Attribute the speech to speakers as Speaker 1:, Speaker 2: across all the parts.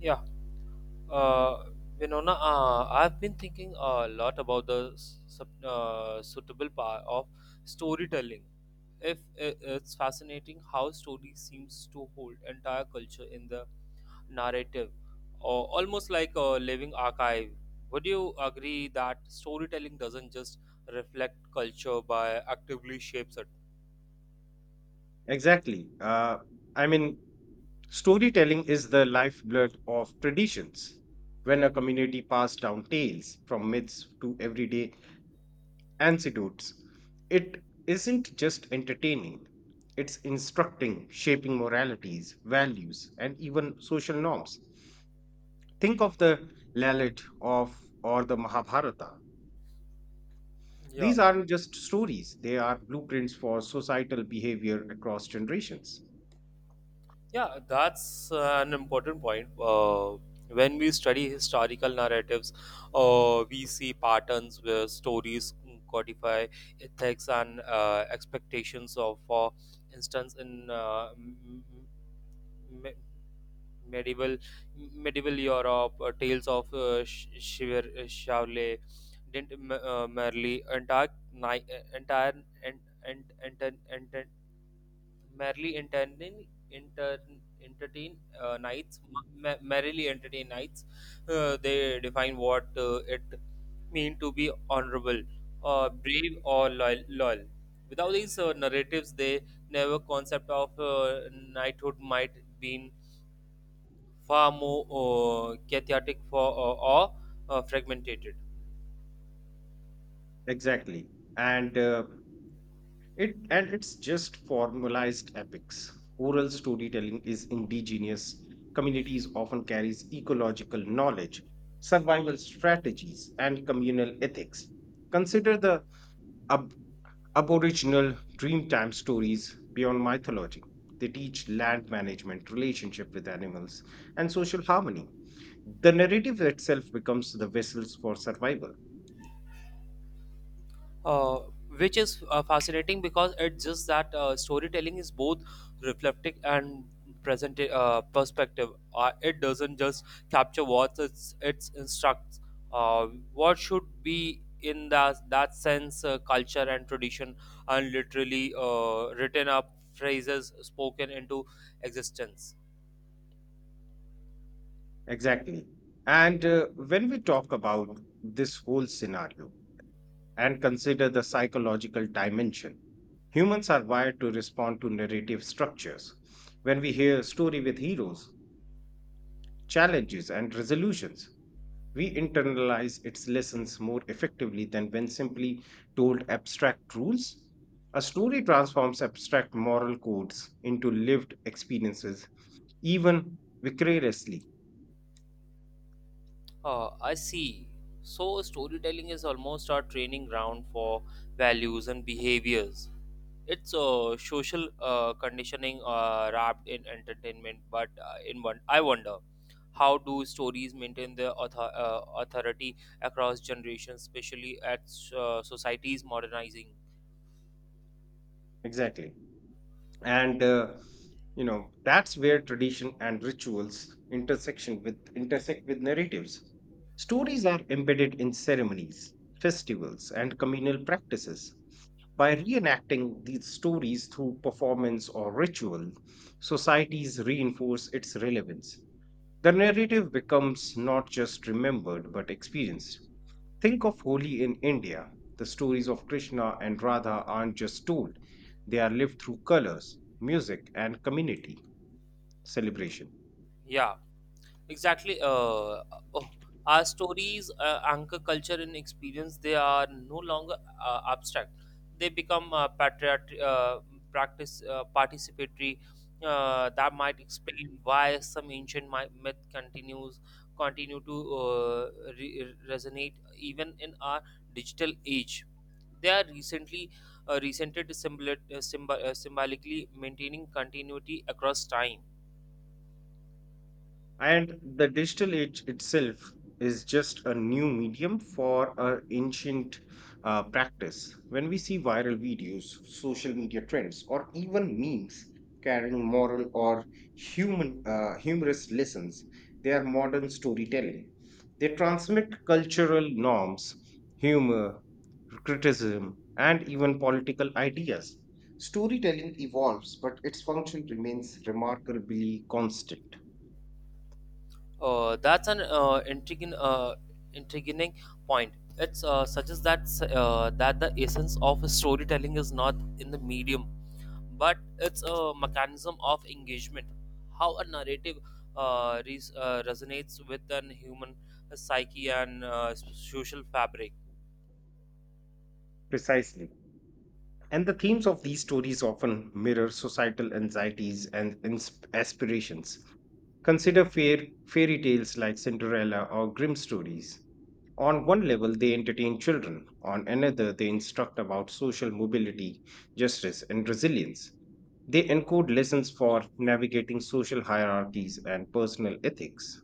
Speaker 1: Yeah, uh, Winona, I've been thinking a lot about the suitable power of storytelling. If I- it's fascinating how story seems to hold entire culture in the narrative, or almost like a living archive. Would you agree that storytelling doesn't just reflect culture by actively shapes it?
Speaker 2: Exactly. I mean, storytelling is the lifeblood of traditions. When a community passed down tales from myths to everyday anecdotes, it isn't just entertaining, it's instructing, shaping moralities, values, and even social norms. Think of the Lalit of or the Mahabharata.
Speaker 1: Yeah.
Speaker 2: These aren't just stories, they are blueprints for societal behavior across generations.
Speaker 1: Yeah, that's an important point. When we study historical narratives, we see patterns where stories codify ethics and expectations of, for instance, in m- m- medieval medieval Europe, tales of Shivle didn't merely entire entire and and merrily entertaining entertain nights merrily entertain knights. They define what it mean to be honorable, brave or loyal. Without these narratives, they never concept of knighthood might been far more chaotic for or fragmented.
Speaker 2: Exactly. And uh, and it's just formalized epics. Oral storytelling is indigenous. Communities often carries ecological knowledge, survival strategies, and communal ethics. Consider the ab- Aboriginal Dreamtime stories beyond mythology. They teach land management, relationship with animals, and social harmony. The narrative itself becomes the vessels for survival.
Speaker 1: Uh, which is fascinating because it's just that storytelling is both reflective and present perspective. It doesn't just capture it instructs. Uh, what should be in that sense culture and tradition and literally written up phrases spoken into existence.
Speaker 2: Exactly. And When we talk about this whole scenario and consider the psychological dimension, humans are wired to respond to narrative structures. When we hear a story with heroes, challenges, and resolutions, we internalize its lessons more effectively than when simply told abstract rules. A story transforms abstract moral codes into lived experiences, even vicariously.
Speaker 1: I see. So storytelling is almost our training ground for values and behaviors. It's a social conditioning wrapped in entertainment, but in one I wonder how do stories maintain their authority across generations, especially as societies modernizing.
Speaker 2: Exactly. and You know that's where tradition and rituals intersect with narratives. Stories are embedded in ceremonies, festivals, and communal practices. By reenacting these stories through performance or ritual, societies reinforce its relevance. The narrative becomes not just remembered but experienced. Think of Holi in India. The stories of Krishna and Radha aren't just told, they are lived through colors, music, and community celebration.
Speaker 1: Yeah. Exactly. Oh, our stories anchor culture and experience. They are no longer abstract. They become patriot, practice participatory. That might explain why some ancient myth continue to resonate even in our digital age. They are recently recented symbolically, maintaining continuity across time.
Speaker 2: And the digital age itself is just a new medium for our ancient practice. When we see viral videos, social media trends, or even memes carrying moral or human humorous lessons, they are modern storytelling. They transmit cultural norms, humor, criticism, and even political ideas. Storytelling evolves, but its function remains remarkably constant.
Speaker 1: That's an intriguing point. It suggests that the essence of storytelling is not in the medium, but it's a mechanism of engagement. How a narrative resonates with an human psyche and social fabric.
Speaker 2: Precisely. And the themes of these stories often mirror societal anxieties and aspirations. Consider fairy tales like Cinderella or Grimm stories. On one level, they entertain children, on another, they instruct about social mobility, justice, and resilience. They encode lessons for navigating social hierarchies and personal ethics.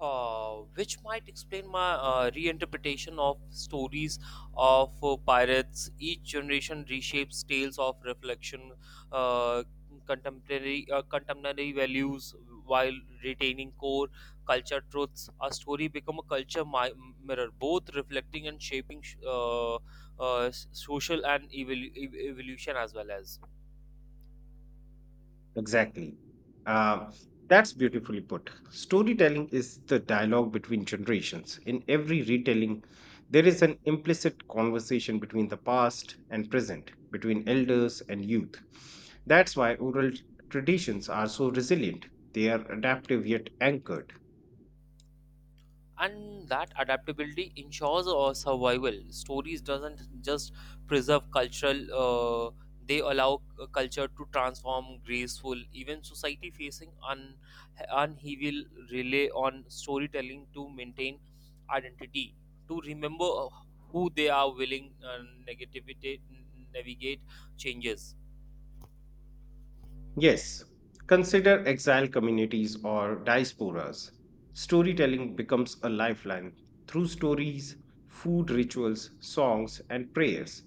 Speaker 1: Which might explain my reinterpretation of stories of pirates. Each generation reshapes tales of reflection, uh, contemporary values, while retaining core culture truths. A story become a culture mirror, both reflecting and shaping social and evolution as well as.
Speaker 2: Exactly. Uh, that's beautifully put. Storytelling is the dialogue between generations. In every retelling, there is an implicit conversation between the past and present, between elders and youth. That's why oral traditions are so resilient. They are adaptive yet anchored.
Speaker 1: And that adaptability ensures our survival stories doesn't just preserve cultural, they allow culture to transform graceful even society facing upheaval, rely on storytelling to maintain identity, to remember who they are, willing negativity navigate changes.
Speaker 2: Yes, consider exile communities or diasporas. Storytelling becomes a lifeline through stories, food rituals, songs, and prayers.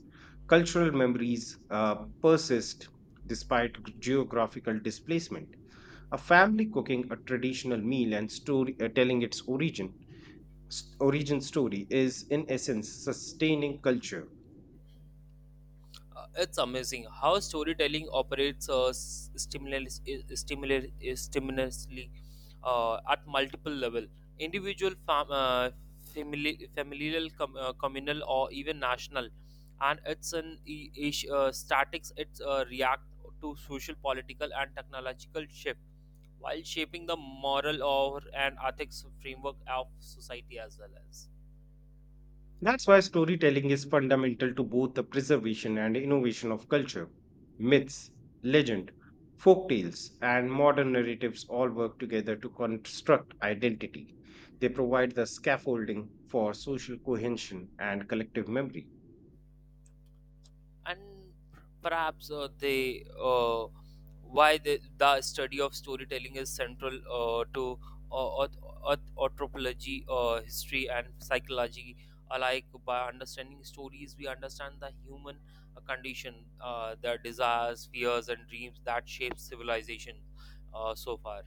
Speaker 2: Cultural memories persist despite geographical displacement. A family cooking a traditional meal and telling its origin story is, in essence, sustaining culture.
Speaker 1: It's amazing how storytelling operates at multiple level, individual family, familial communal, or even national. And it's an statics, it's react to social, political and technological shift, while shaping the moral or and ethics framework of society as well as.
Speaker 2: That's why storytelling is fundamental to both the preservation and innovation of culture. Myths, legend, folk tales, and modern narratives all work together to construct identity. They provide the scaffolding for social cohesion and collective memory.
Speaker 1: And perhaps they why the study of storytelling is central to uh, auth- anthropology, history and psychology alike. By understanding stories we understand the human condition, their desires, fears and dreams that shape civilization so far.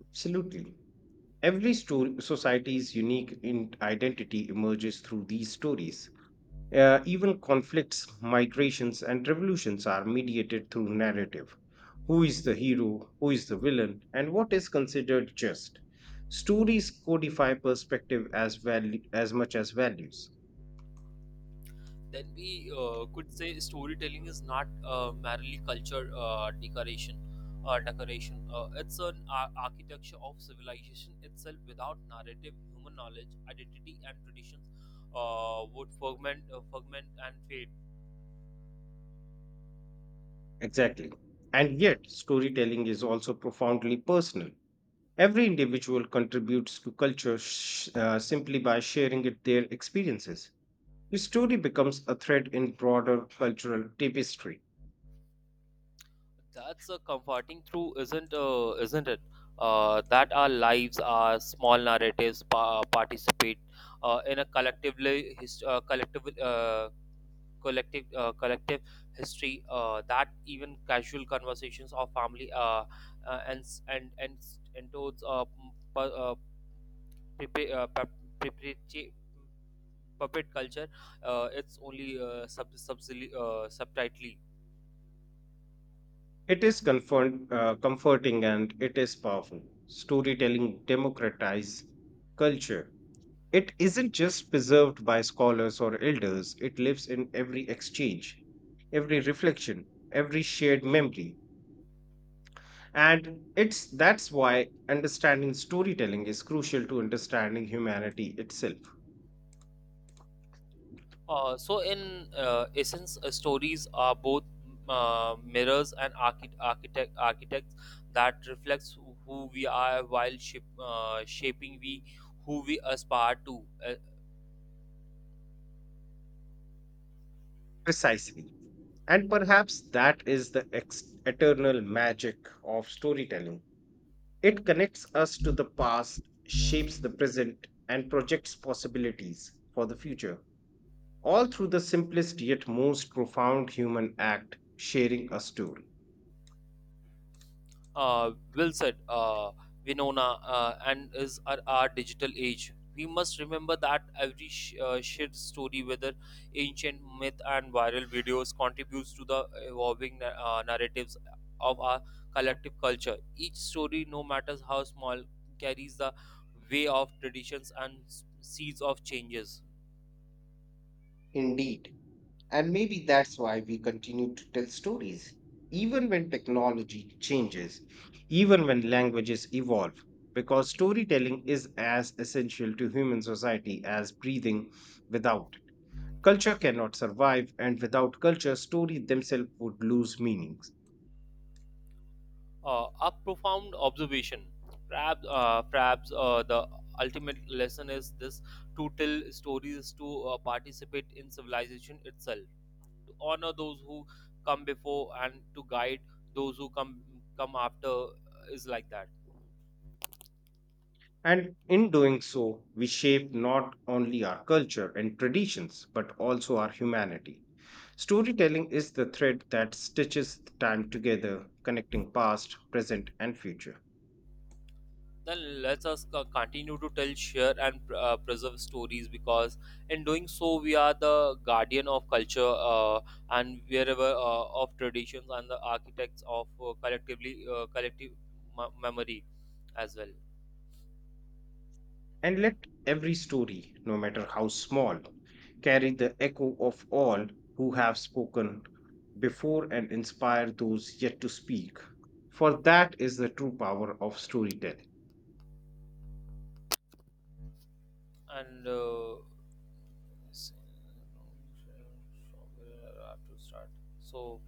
Speaker 2: Absolutely. Every story, society's unique identity emerges through these stories. Even conflicts, migrations, and revolutions are mediated through narrative. Who is the hero? Who is the villain? And what is considered just? Stories codify value, as much as values.
Speaker 1: Then we could say storytelling is not merely culture decoration. It's an architecture of civilization itself. Without narrative, human knowledge, identity and traditions would fragment and fade.
Speaker 2: Exactly. And yet, storytelling is also profoundly personal. Every individual contributes to simply by sharing it, their experiences. The story becomes a thread in broader cultural tapestry.
Speaker 1: That's a comforting truth, isn't it, that our lives are small narratives participate in a collectively collective history, that even casual conversations of family, and towards prepa- uh, pap- preparati- puppet culture, it's only subtitly.
Speaker 2: It is comforting and it is powerful. Storytelling democratizes culture. It isn't just preserved by scholars or elders, it lives in every exchange, every reflection, every shared memory. And it's that's why understanding storytelling is crucial to understanding humanity itself.
Speaker 1: So in essence, stories are both mirrors and architects that reflects who we are, while shaping we who we aspire to.
Speaker 2: Precisely. And perhaps that is the eternal magic of storytelling. It connects us to the past,
Speaker 1: Uh,
Speaker 2: shapes the present, and projects possibilities for the future, all through the simplest yet most profound human act sharing a story.
Speaker 1: well said, Winona, and is our digital age. We must remember that every shared story, whether ancient myth and viral videos, contributes to the evolving narratives of our collective culture. Each story, no matter how small, carries the way of traditions and seeds of changes.
Speaker 2: Indeed. And maybe that's why we continue to tell stories, even when technology changes, even when languages evolve, because storytelling is as essential to human society as breathing without. Culture cannot survive, and without culture, stories themselves would lose meaning.
Speaker 1: A profound observation. Perhaps the ultimate lesson is this: to tell stories, to participate in civilization itself, to honor those who come before and to guide those who come after, is like that.
Speaker 2: And in doing so, we shape not only our culture and traditions, but also our humanity. Storytelling is the thread that stitches time together, connecting past, present, and future.
Speaker 1: Then let us continue to tell, share and preserve stories, because in doing so we are the guardian of culture, and wherever of traditions, and the architects of collective memory as well.
Speaker 2: And let every story, no matter how small, carry the echo of all who have spoken before and inspire those yet to speak. For that is the true power of storytelling.
Speaker 1: And s- to start, so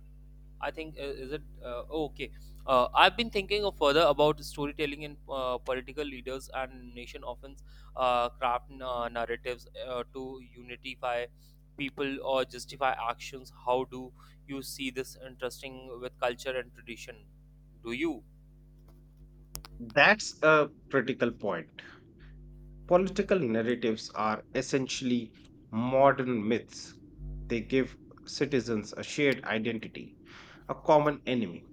Speaker 1: I think is it, oh, okay. I've been thinking of further about storytelling. In political leaders and nation often craft narratives to unify people or justify actions. How do you see this interesting with culture and tradition? Do you?
Speaker 2: That's a critical point. Political narratives are essentially modern myths. They give citizens a shared identity, a common enemy,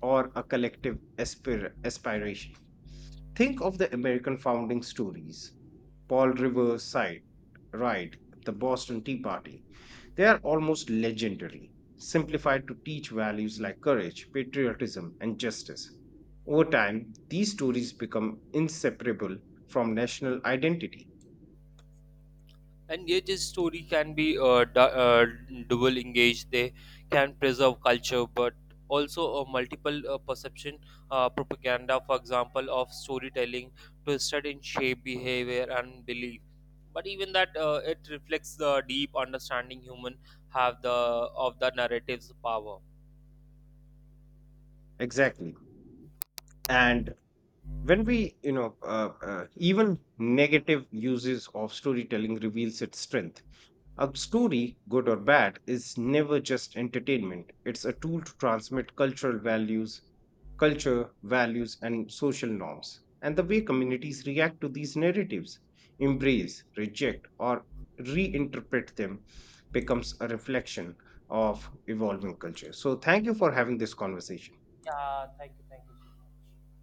Speaker 2: or a collective aspiration. Think of the American founding stories: Paul Rivers side, Ride, the Boston Tea Party. They are almost legendary, simplified to teach values like courage, patriotism, and justice. Over time, these stories become inseparable from national identity.
Speaker 1: And yet his story can be double engaged. They can preserve culture but also a multiple perception, propaganda for example of storytelling twisted in shape behavior and belief. But even that, it reflects the deep understanding human have the of the narrative's power.
Speaker 2: Exactly. And when we, even negative uses of storytelling reveals its strength. A story, good or bad, is never just entertainment. It's a tool to transmit culture, values, and social norms. And the way communities react to these narratives, embrace, reject, or reinterpret them, becomes a reflection of evolving culture. So, thank you for having this conversation.
Speaker 1: Yeah, thank you so much.